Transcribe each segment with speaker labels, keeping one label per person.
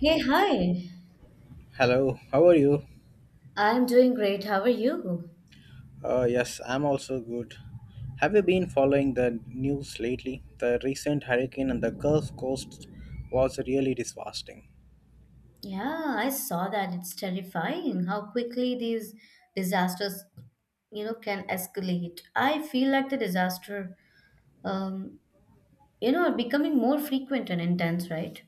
Speaker 1: Hey, hi.
Speaker 2: Hello, how are you?
Speaker 1: I'm doing great. How are you?
Speaker 2: Yes, I'm also good. Have you been following the news lately? The recent hurricane on the Gulf Coast was really devastating.
Speaker 1: Yeah, I saw that. It's terrifying how quickly these disasters, can escalate. I feel like the disaster, um, are becoming more frequent and intense, right?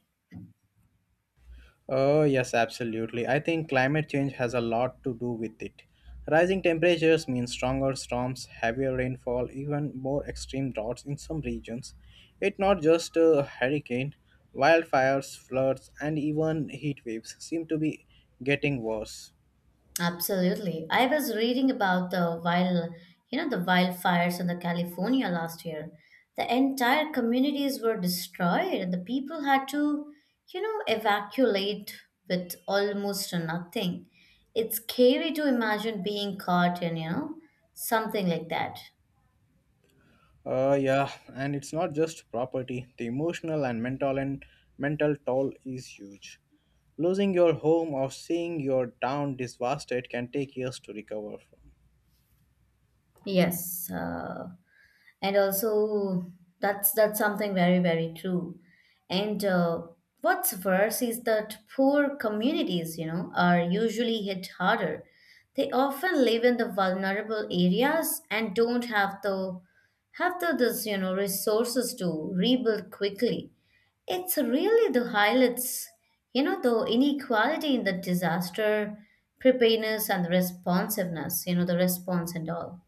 Speaker 2: Oh, yes, absolutely. I think climate change has a lot to do with it. Rising temperatures mean stronger storms, heavier rainfall, even more extreme droughts in some regions. It's not just a hurricane, wildfires, floods, and even heat waves seem to be getting worse.
Speaker 1: Absolutely. I was reading about the wildfires in the California last year. The entire communities were destroyed and the people had to, evacuate with almost nothing. It's scary to imagine being caught in, something like that.
Speaker 2: Yeah, and it's not just property. The emotional and mental toll is huge. Losing your home or seeing your town devastated can take years to recover from.
Speaker 1: Yes, and also that's something very true and what's worse is that poor communities, are usually hit harder. They often live in the vulnerable areas and don't have the this you know resources to rebuild quickly. It's really the highlights, the inequality in the disaster preparedness and the responsiveness you know the response and all.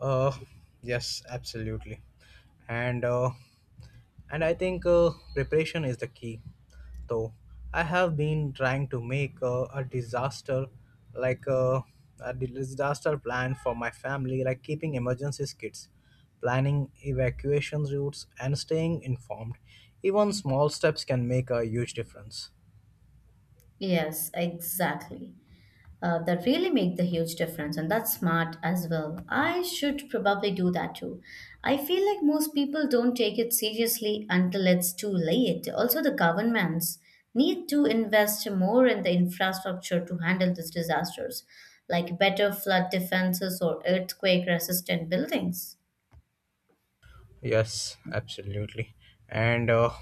Speaker 2: Uh, yes, absolutely. And uh, And I think preparation is the key, though. I have been trying to make like uh, a disaster plan for my family, like keeping emergencies kits, planning evacuation routes, and staying informed. Even small steps can make a huge difference.
Speaker 1: Yes, exactly. That really make the huge difference, and that's smart as well. I should probably do that too. I feel like most people don't take it seriously until it's too late. Also, the governments need to invest more in the infrastructure to handle these disasters, like better flood defenses or earthquake resistant buildings.
Speaker 2: Yes, absolutely. And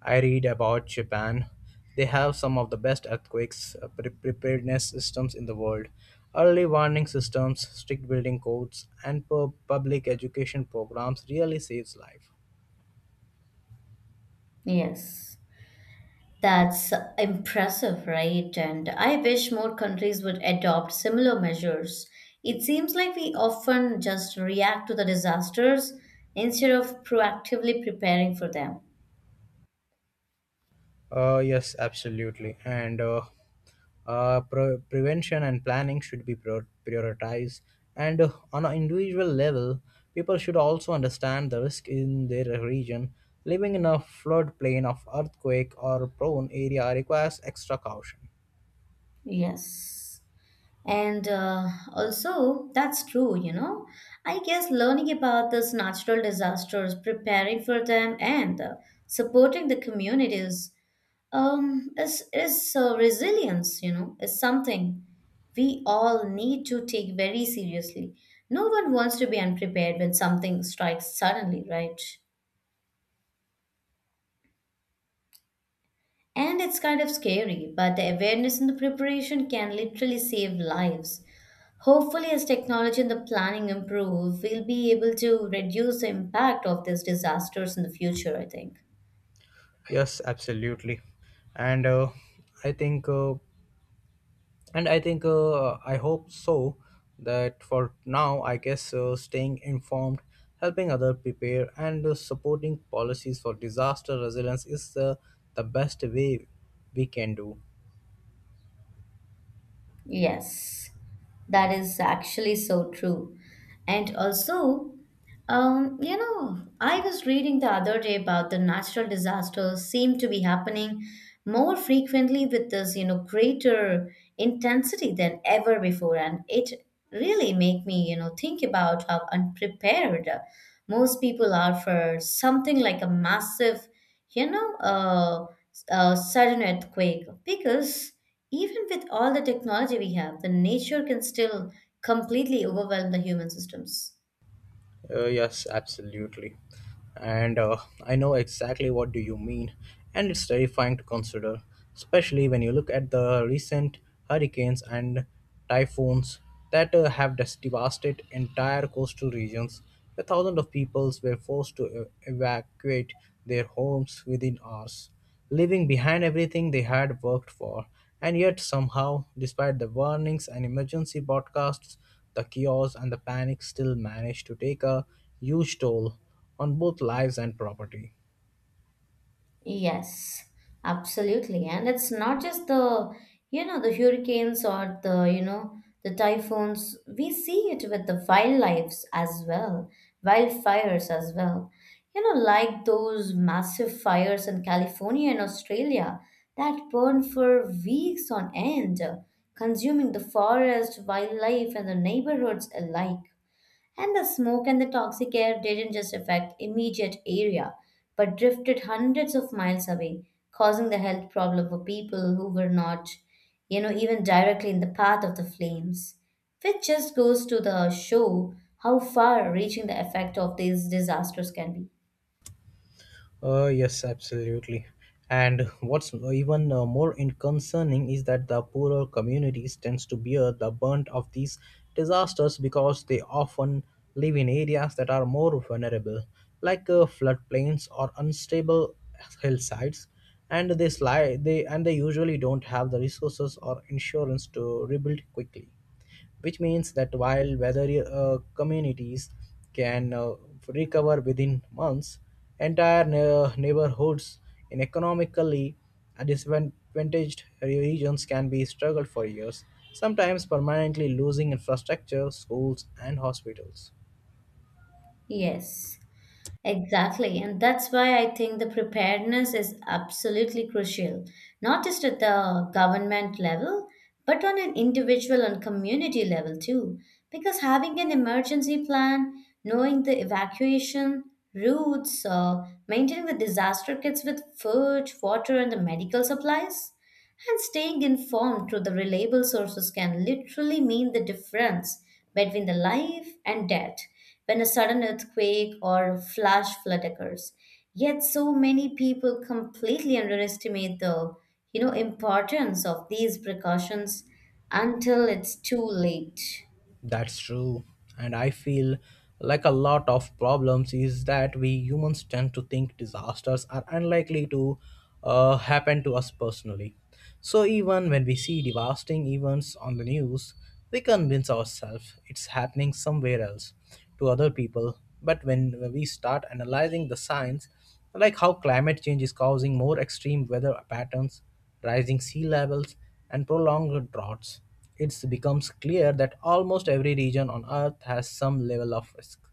Speaker 2: I read about Japan. They have some of the best earthquakes preparedness systems in the world. Early warning systems, strict building codes, and public education programs really saves life.
Speaker 1: Yes. That's impressive, right? And I wish more countries would adopt similar measures. It seems like we often just react to the disasters instead of proactively preparing for them.
Speaker 2: Yes, absolutely. And prevention and planning should be prioritized. And on an individual level, people should also understand the risk in their region. Living in a floodplain of earthquake or prone area requires extra caution.
Speaker 1: Yes. And also, that's true, you know. I guess learning about these natural disasters, preparing for them, and supporting the communities, is resilience. You know, is something we all need to take very seriously. No one wants to be unprepared when something strikes suddenly, right? And it's kind of scary, but the awareness and the preparation can literally save lives. Hopefully, as technology and the planning improve, we'll be able to reduce the impact of these disasters in the future, I think.
Speaker 2: Yes, absolutely. And I think and I think I hope so that for now I guess staying informed, helping others prepare, and supporting policies for disaster resilience is the best way we can do.
Speaker 1: Yes, that is actually so true. And also, you know, I was reading the other day about the natural disasters seem to be happening more frequently with this, you know, greater intensity than ever before, and it really make me, you know, think about how unprepared most people are for something like a massive, you know, uh, sudden earthquake. Because even with all the technology we have, the nature can still completely overwhelm the human systems.
Speaker 2: Yes, absolutely. And I know exactly what do you mean, and it's terrifying to consider, especially when you look at the recent hurricanes and typhoons that have devastated entire coastal regions, where thousands of peoples were forced to evacuate their homes within hours, leaving behind everything they had worked for. And yet, somehow, despite the warnings and emergency broadcasts, the chaos and the panic still managed to take a huge toll on both lives and property.
Speaker 1: Yes, absolutely. And it's not just the, the hurricanes or the, the typhoons. We see it with the wildlife as well, wildfires as well. You know, like those massive fires in California and Australia that burn for weeks on end, consuming the forest, wildlife, and the neighborhoods alike. And the smoke and the toxic air didn't just affect immediate area, but drifted hundreds of miles away, causing the health problem for people who were not, even directly in the path of the flames. Which just goes to the show how far reaching the effect of these disasters can be.
Speaker 2: Yes, absolutely. And what's even more concerning is that the poorer communities tends to bear the brunt of these disasters because they often live in areas that are more vulnerable, like floodplains or unstable hillsides, and they usually don't have the resources or insurance to rebuild quickly, which means that while weather communities can recover within months, entire neighborhoods in economically disadvantaged regions can be struggled for years, sometimes permanently losing infrastructure, schools, and hospitals.
Speaker 1: Yes. Exactly. And that's why I think the preparedness is absolutely crucial, not just at the government level, but on an individual and community level too. Because having an emergency plan, knowing the evacuation routes, maintaining the disaster kits with food, water, and the medical supplies, and staying informed through the reliable sources can literally mean the difference between the life and death when a sudden earthquake or flash flood occurs. Yet so many people completely underestimate the, importance of these precautions until it's too late.
Speaker 2: That's true. And I feel like a lot of problems is that we humans tend to think disasters are unlikely to happen to us personally. So even when we see devastating events on the news, we convince ourselves it's happening somewhere else to other people. But when we start analyzing the science, like how climate change is causing more extreme weather patterns, rising sea levels, and prolonged droughts, it becomes clear that almost every region on Earth has some level of risk.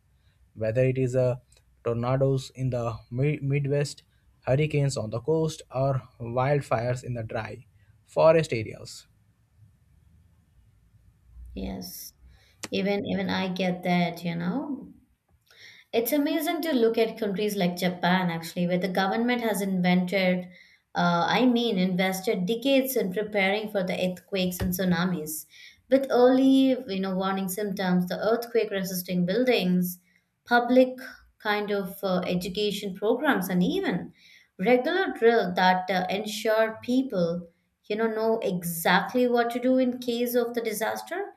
Speaker 2: Whether it is tornadoes in the Midwest, hurricanes on the coast, or wildfires in the dry forest areas.
Speaker 1: Yes. Even I get that, you know. It's amazing to look at countries like Japan, actually, where the government has invented, I mean, invested decades in preparing for the earthquakes and tsunamis. With early, warning symptoms, the earthquake-resisting buildings, public kind of education programs, and even regular drill that ensure people, know exactly what to do in case of the disaster.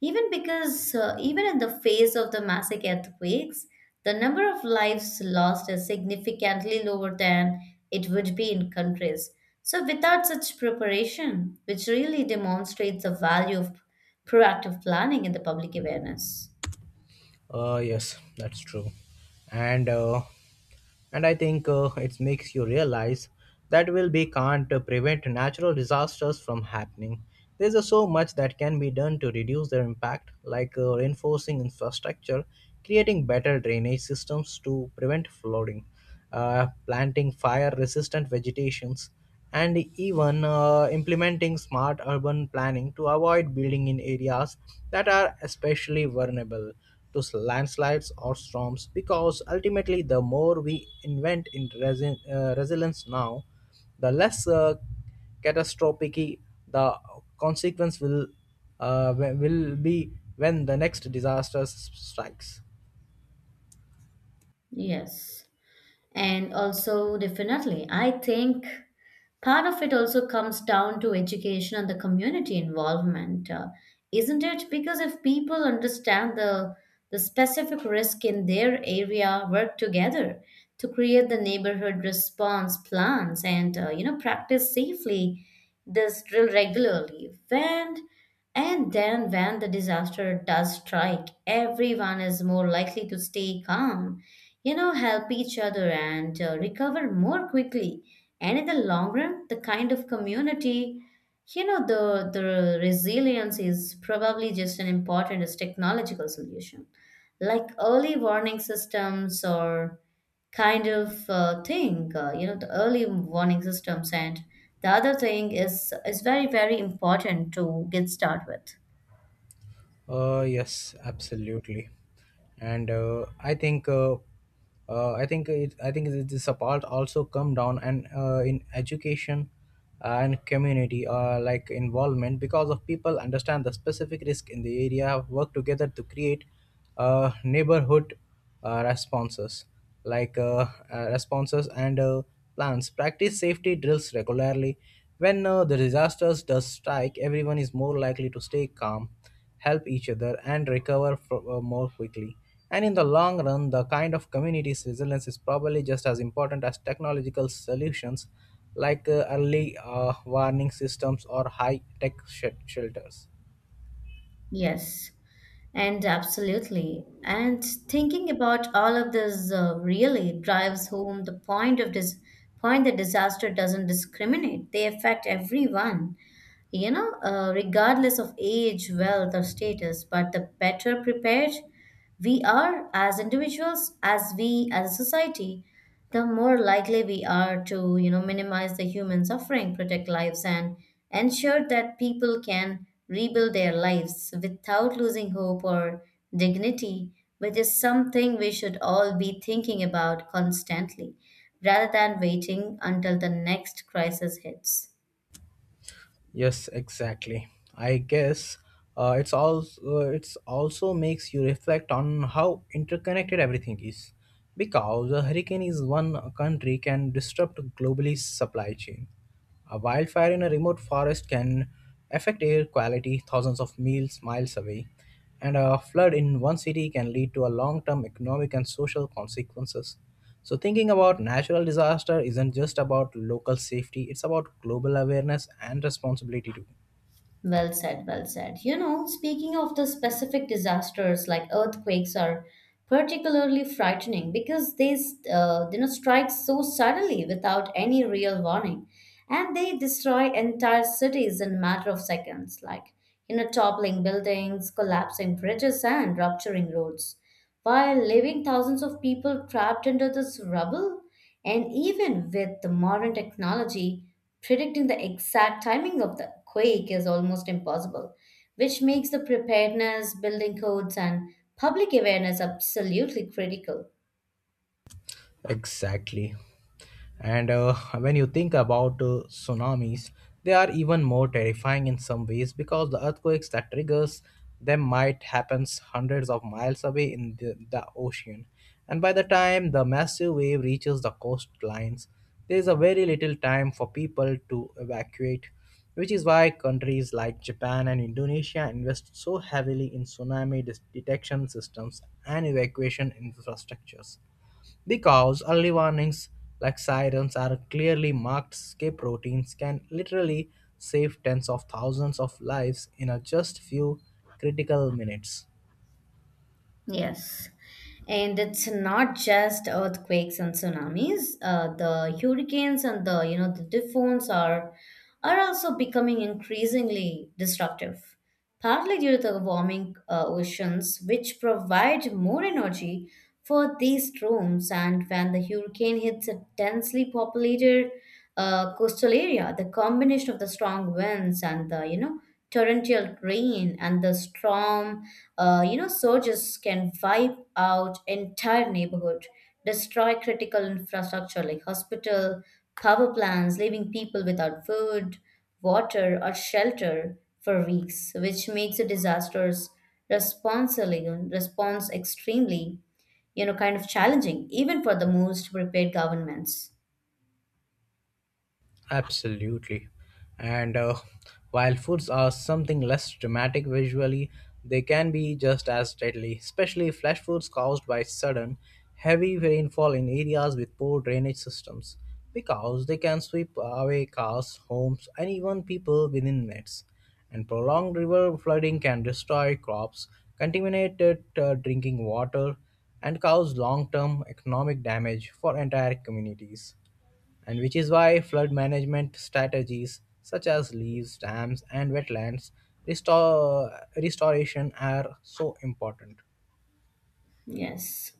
Speaker 1: Even because even in the face of the massive earthquakes, the number of lives lost is significantly lower than it would be in countries so without such preparation, which really demonstrates the value of proactive planning in the public awareness.
Speaker 2: Yes, that's true. And uh, and I think it makes you realize that will be can't prevent natural disasters from happening. There's so much that can be done to reduce their impact, like reinforcing infrastructure, creating better drainage systems to prevent flooding, planting fire-resistant vegetations, and even implementing smart urban planning to avoid building in areas that are especially vulnerable to landslides or storms, because ultimately the more we invent in resilience now, the less catastrophic the consequence will be when the next disaster strikes.
Speaker 1: Yes And also, definitely, I think part of it also comes down to education and the community involvement, isn't it? Because if people understand the specific risk in their area, work together to create the neighborhood response plans, and you know practice safely this drill regularly. And then, when the disaster does strike, everyone is more likely to stay calm, you know, help each other, and recover more quickly. And in the long run, the kind of community, you know, the resilience is probably just an important as technological solution, like early warning systems or kind of thing you know the early warning systems and the other thing is very very important to get started. With
Speaker 2: Yes, absolutely. And I think it is a part also come down and in education and community involvement, because of people understand the specific risk in the area, work together to create a neighborhood responses like responses and plans, practice safety drills regularly. When the disasters does strike, everyone is more likely to stay calm, help each other, and recover more quickly. And in the long run, the kind of community's resilience is probably just as important as technological solutions, like early warning systems or high tech shelters.
Speaker 1: yes, and absolutely. And thinking about all of this, really drives home the point of this point that disaster doesn't discriminate. They affect everyone, regardless of age, wealth, or status. But the better prepared we are as individuals, as we as a society, the more likely we are to, minimize the human suffering, protect lives, and ensure that people can rebuild their lives without losing hope or dignity, which is something we should all be thinking about constantly rather than waiting until the next crisis hits.
Speaker 2: Yes, exactly. I guess it's also makes you reflect on how interconnected everything is, because a hurricane is one country can disrupt globally supply chain. A wildfire in a remote forest can affect air quality thousands of miles away, and a flood in one city can lead to a long-term economic and social consequences. So, thinking about natural disaster isn't just about local safety, it's about global awareness and responsibility too.
Speaker 1: Well said, well said. You know, speaking of the specific disasters, like earthquakes are particularly frightening because they, strike so suddenly without any real warning, and they destroy entire cities in a matter of seconds, like, toppling buildings, collapsing bridges, and rupturing roads, while leaving thousands of people trapped under this rubble. And even with the modern technology. Predicting the exact timing of the quake is almost impossible, which makes the preparedness, building codes, and public awareness absolutely critical.
Speaker 2: Exactly. And when you think about tsunamis, they are even more terrifying in some ways because the earthquakes that triggers them might happens hundreds of miles away in the ocean. And by the time the massive wave reaches the coastlines, there is a very little time for people to evacuate, which is why countries like Japan and Indonesia invest so heavily in tsunami detection systems and evacuation infrastructures. Because early warnings like sirens are clearly marked escape routines can literally save tens of thousands of lives in a just few critical minutes.
Speaker 1: Yes. And it's not just earthquakes and tsunamis. The hurricanes and the, the typhoons are also becoming increasingly destructive, partly due to the warming oceans, which provide more energy for these storms. And when the hurricane hits a densely populated coastal area, the combination of the strong winds and the, torrential rain and the storm, surges can wipe out entire neighborhood, destroy critical infrastructure like hospital, power plants, leaving people without food, water, or shelter for weeks, which makes the disasters responsibly response extremely, kind of challenging, even for the most prepared governments.
Speaker 2: Absolutely. And while foods are something less dramatic visually, they can be just as deadly, especially flash floods caused by sudden, heavy rainfall in areas with poor drainage systems, because they can sweep away cars, homes, and even people within minutes. And prolonged river flooding can destroy crops, contaminate drinking water, and cause long term economic damage for entire communities, and which is why flood management strategies such as levees, dams, and wetlands restore, restoration are so important.
Speaker 1: Yes.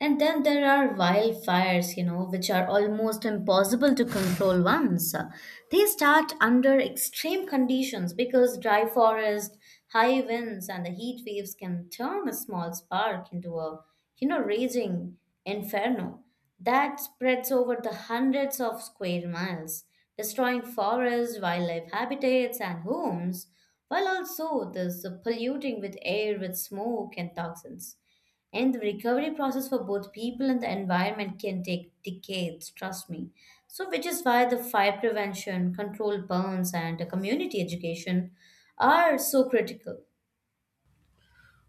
Speaker 1: And then there are wildfires, which are almost impossible to control once. They start under extreme conditions because dry forest, high winds, and the heat waves can turn a small spark into a, raging inferno that spreads over the hundreds of square miles, destroying forests, wildlife habitats, and homes, while also this polluting with air with smoke and toxins. And the recovery process for both people and the environment can take decades, trust me. So, which is why the fire prevention, controlled burns, and the community education are so critical.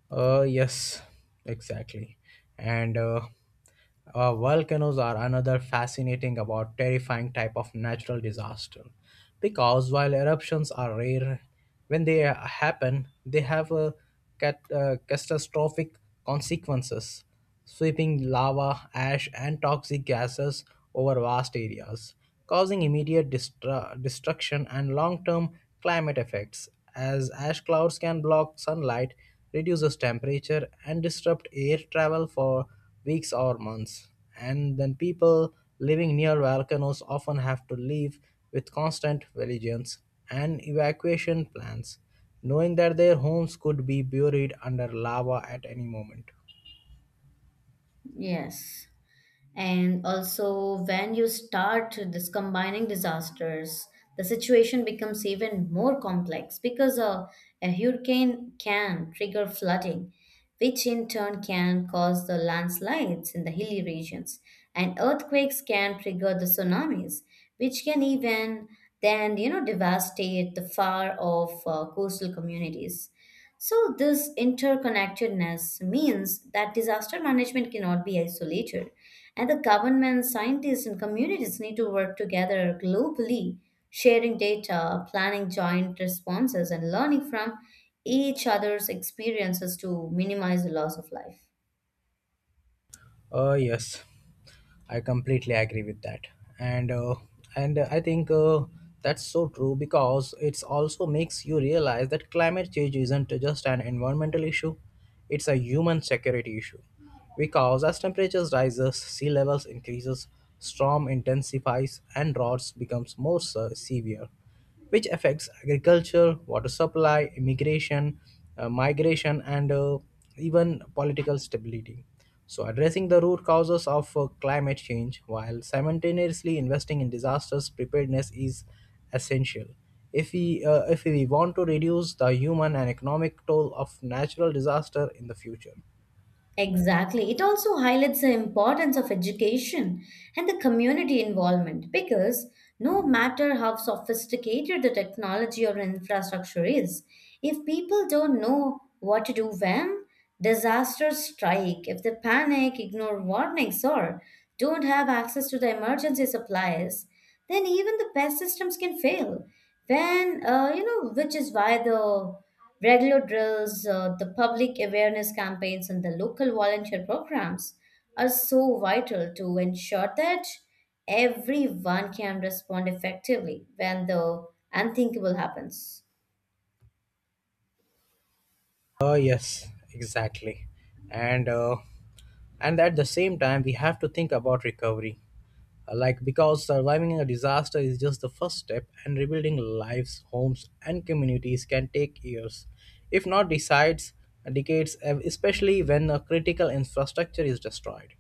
Speaker 2: Yes, exactly. And Volcanoes are another fascinating about terrifying type of natural disaster because while eruptions are rare, when they happen, they have a catastrophic consequences, sweeping lava, ash, and toxic gases over vast areas, causing immediate destruction and long-term climate effects. As ash clouds can block sunlight, reduces temperature, and disrupt air travel for weeks or months. And then people living near volcanoes often have to live with constant vigilance and evacuation plans, knowing that their homes could be buried under lava at any moment.
Speaker 1: Yes. And also, when you start this combining disasters, the situation becomes even more complex because a hurricane can trigger flooding, which in turn can cause the landslides in the hilly regions, and earthquakes can trigger the tsunamis, which can even then, devastate the far off coastal communities. So, this interconnectedness means that disaster management cannot be isolated, and the government, scientists, and communities need to work together globally, sharing data, planning joint responses, and learning from each other's experiences to minimize the loss of life.
Speaker 2: Yes, I completely agree with that, and uh, and I think that's so true because it's also makes you realize that climate change isn't just an environmental issue; it's a human security issue. Because as temperatures rises, sea levels increases, storm intensifies, and droughts becomes more severe, which affects agriculture, water supply, migration, and even political stability. So, addressing the root causes of climate change while simultaneously investing in disasters preparedness is essential. If we want to reduce the human and economic toll of natural disaster in the future.
Speaker 1: Exactly. It also highlights the importance of education and the community involvement, because no matter how sophisticated the technology or infrastructure is, if people don't know what to do when disasters strike, if they panic, ignore warnings, or don't have access to the emergency supplies, then even the best systems can fail. When, which is why the regular drills, the public awareness campaigns, and the local volunteer programs are so vital to ensure that everyone can respond effectively when the unthinkable happens.
Speaker 2: Yes, exactly. And and at the same time, we have to think about recovery. Because surviving a disaster is just the first step and rebuilding lives, homes and communities can take years, if not decides decades, especially when a critical infrastructure is destroyed.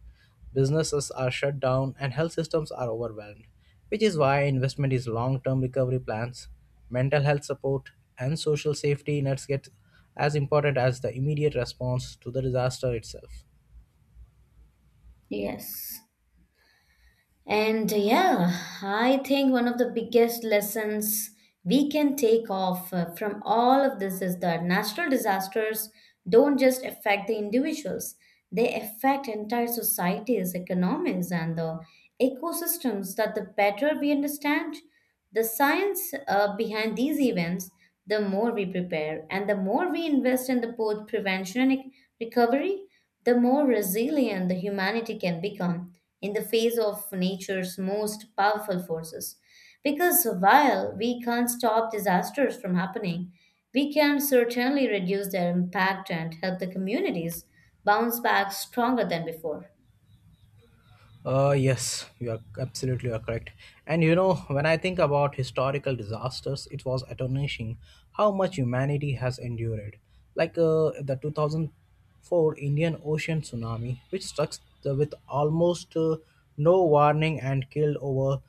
Speaker 2: Businesses are shut down and health systems are overwhelmed, which is why investment is long term recovery plans, mental health support, and social safety nets get as important as the immediate response to the disaster itself.
Speaker 1: Yes. I think one of the biggest lessons we can take off, from all of this is that natural disasters don't just affect the individuals, they affect entire societies, economies, and the ecosystems. That the better we understand. The science, behind these events, the more we prepare and the more we invest in the both prevention and recovery, the more resilient the humanity can become in the face of nature's most powerful forces. Because while we can't stop disasters from happening, we can certainly reduce their impact and help the communities bounce back stronger than before.
Speaker 2: You are correct. And you know, when I think about historical disasters, it was astonishing how much humanity has endured. Like the 2004 Indian Ocean tsunami, which struck with almost no warning and killed over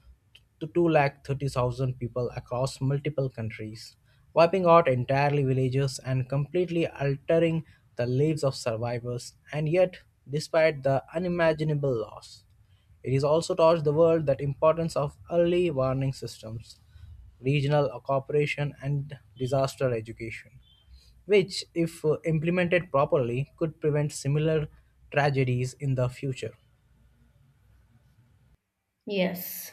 Speaker 2: to 2 lakh 30 thousand people across multiple countries, wiping out entirely villages and completely altering the lives of survivors. And yet, despite the unimaginable loss, it is also taught the world that importance of early warning systems, regional cooperation, and disaster education, which, if implemented properly, could prevent similar tragedies in the future.
Speaker 1: Yes.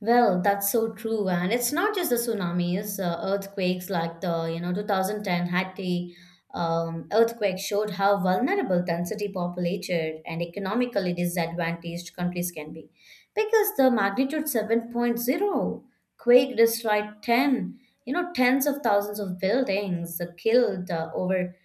Speaker 1: Well, that's so true, and it's not just the tsunamis. Earthquakes like the 2010 Haiti earthquake showed how vulnerable density populated and economically disadvantaged countries can be, because the magnitude seven point zero quake destroyed 10 you know tens of thousands of buildings, killed over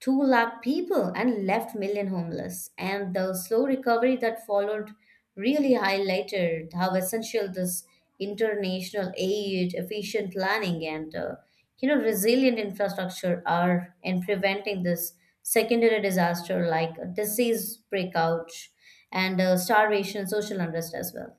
Speaker 1: 2 lakh people and left million homeless, and the slow recovery that followed really highlighted how essential this international aid, efficient planning, and resilient infrastructure are in preventing this secondary disaster like disease breakout and starvation, social unrest as well.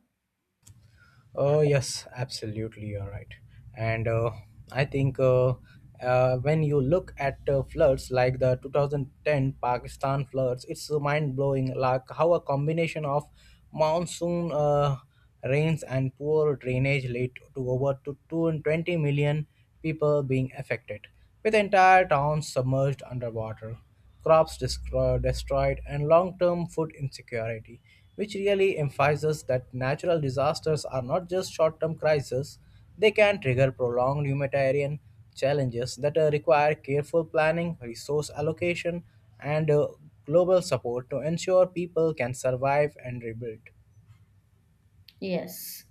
Speaker 2: Yes, absolutely, you're right. And I think when you look at floods like the 2010 Pakistan floods, it's mind blowing like how a combination of monsoon rains and poor drainage led to over to 220 million people being affected, with entire towns submerged underwater, crops destroyed, and long term food insecurity, which really emphasizes that natural disasters are not just short term crises, they can trigger prolonged humanitarian challenges that require careful planning, resource allocation, and global support to ensure people can survive and rebuild.
Speaker 1: Yes.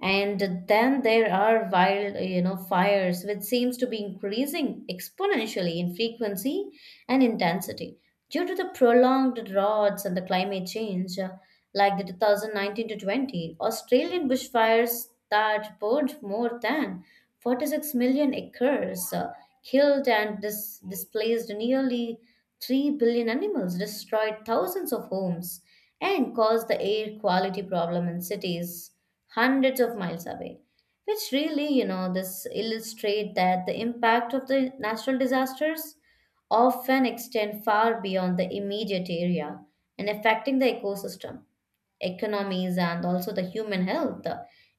Speaker 1: And then there are wild you know fires which seems to be increasing exponentially in frequency and intensity due to the prolonged droughts and the climate change, like the 2019 to 20 Australian bushfires that burned more than 46 million acres, killed and displaced nearly 3 billion animals, destroyed thousands of homes, and caused the air quality problem in cities hundreds of miles away, which really this illustrate that the impact of the natural disasters often extend far beyond the immediate area and affecting the ecosystem, economies, and also the human health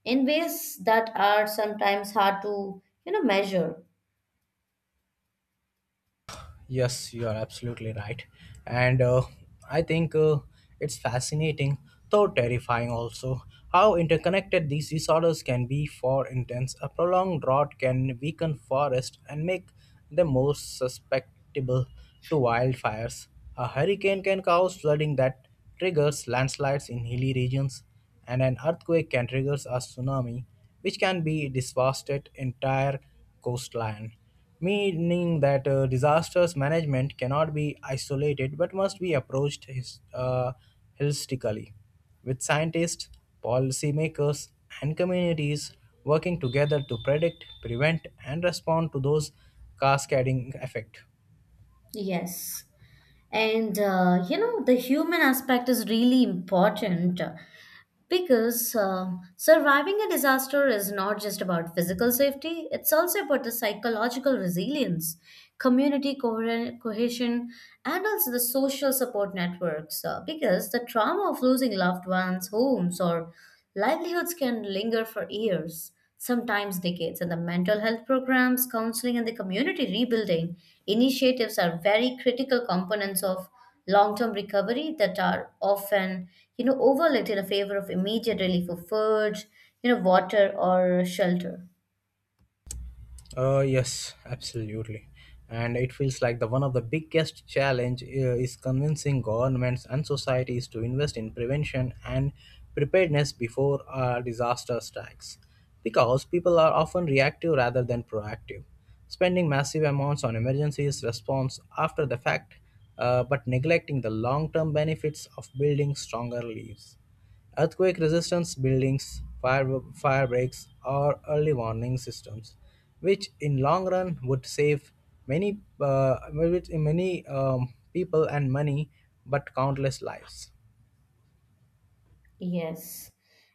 Speaker 1: in ways that are sometimes hard to measure.
Speaker 2: Yes, you are absolutely right. And I think it's fascinating, though terrifying also, how interconnected these disorders can be. For instance, a prolonged drought can weaken forests and make them more susceptible to wildfires. A hurricane can cause flooding that triggers landslides in hilly regions, and an earthquake can trigger a tsunami, which can be devastated entire coastline, meaning that disasters management cannot be isolated but must be approached holistically, with scientists, policymakers, and communities working together to predict, prevent, and respond to those cascading effects.
Speaker 1: Yes. And, the human aspect is really important. Because surviving a disaster is not just about physical safety, it's also about the psychological resilience, community cohesion, and also the social support networks. Because the trauma of losing loved ones, homes, or livelihoods can linger for years, sometimes decades. And the mental health programs, counseling, and the community rebuilding initiatives are very critical components of long-term recovery that are often, overlooked in a favor of immediate relief of food, water, or shelter.
Speaker 2: Yes, absolutely. And it feels like the one of the biggest challenge is convincing governments and societies to invest in prevention and preparedness before a disaster strikes. Because people are often reactive rather than proactive, spending massive amounts on emergencies response after the fact, but neglecting the long-term benefits of building stronger leaves. Earthquake resistance buildings, fire breaks, or early warning systems, which in long run would save many many people and money, but countless lives.
Speaker 1: Yes.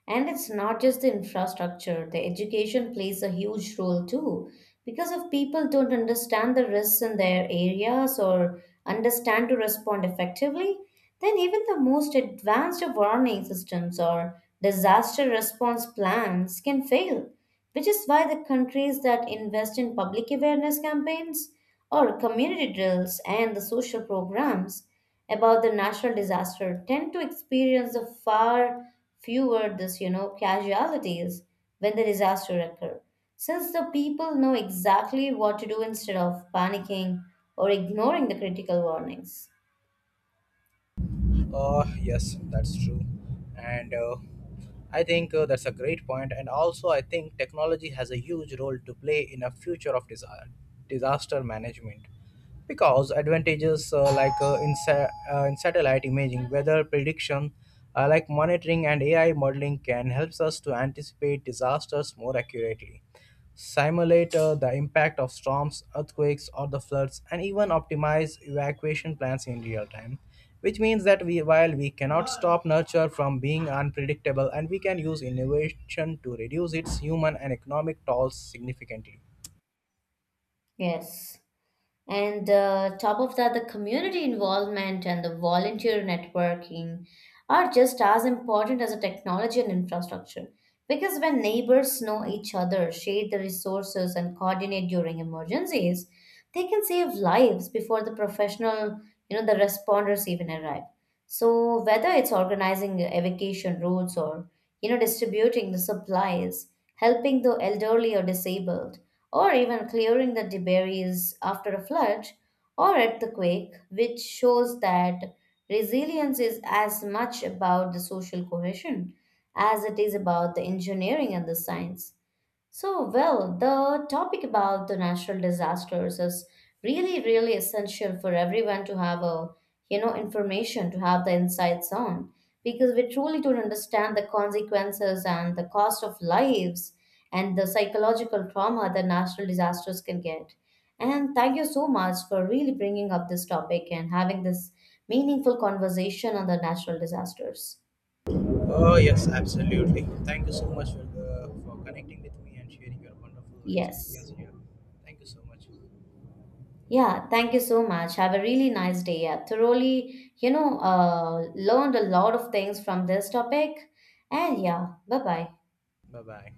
Speaker 1: And it's not just the infrastructure, the education plays a huge role too. Because if people don't understand the risks in their areas or understand to respond effectively, then even the most advanced of warning systems or disaster response plans can fail, which is why the countries that invest in public awareness campaigns or community drills and the social programs about the natural disaster tend to experience the far fewer this you know casualties when the disaster occur, since the people know exactly what to do instead of panicking or ignoring the critical warnings.
Speaker 2: Yes, that's true. And I think that's a great point. And also, I think technology has a huge role to play in a future of disaster management. Because advantages like in satellite imaging, weather prediction, monitoring and AI modeling can helps us to anticipate disasters more accurately, simulate the impact of storms, earthquakes, or the floods, and even optimize evacuation plans in real time, which means that while we cannot stop nature from being unpredictable, and we can use innovation to reduce its human and economic tolls significantly.
Speaker 1: Yes. And top of that, the community involvement and the volunteer networking are just as important as the technology and infrastructure. Because when neighbors know each other, share the resources, and coordinate during emergencies, they can save lives before the professional, the responders even arrive. So whether it's organizing evacuation routes or, distributing the supplies, helping the elderly or disabled, or even clearing the debris after a flood or earthquake, which shows that resilience is as much about the social cohesion as it is about the engineering and the science. So, well, the topic about the natural disasters is really, really essential for everyone to have a, information, to have the insights on, because we truly don't understand the consequences and the cost of lives and the psychological trauma that natural disasters can get. And thank you so much for really bringing up this topic and having this meaningful conversation on the natural disasters.
Speaker 2: Oh, yes, absolutely. Thank you so much for connecting with me and sharing your wonderful
Speaker 1: Yes.
Speaker 2: experience here. Thank you so much.
Speaker 1: Yeah, thank you so much. Have a really nice day. I thoroughly, learned a lot of things from this topic. And yeah, bye bye.
Speaker 2: Bye bye.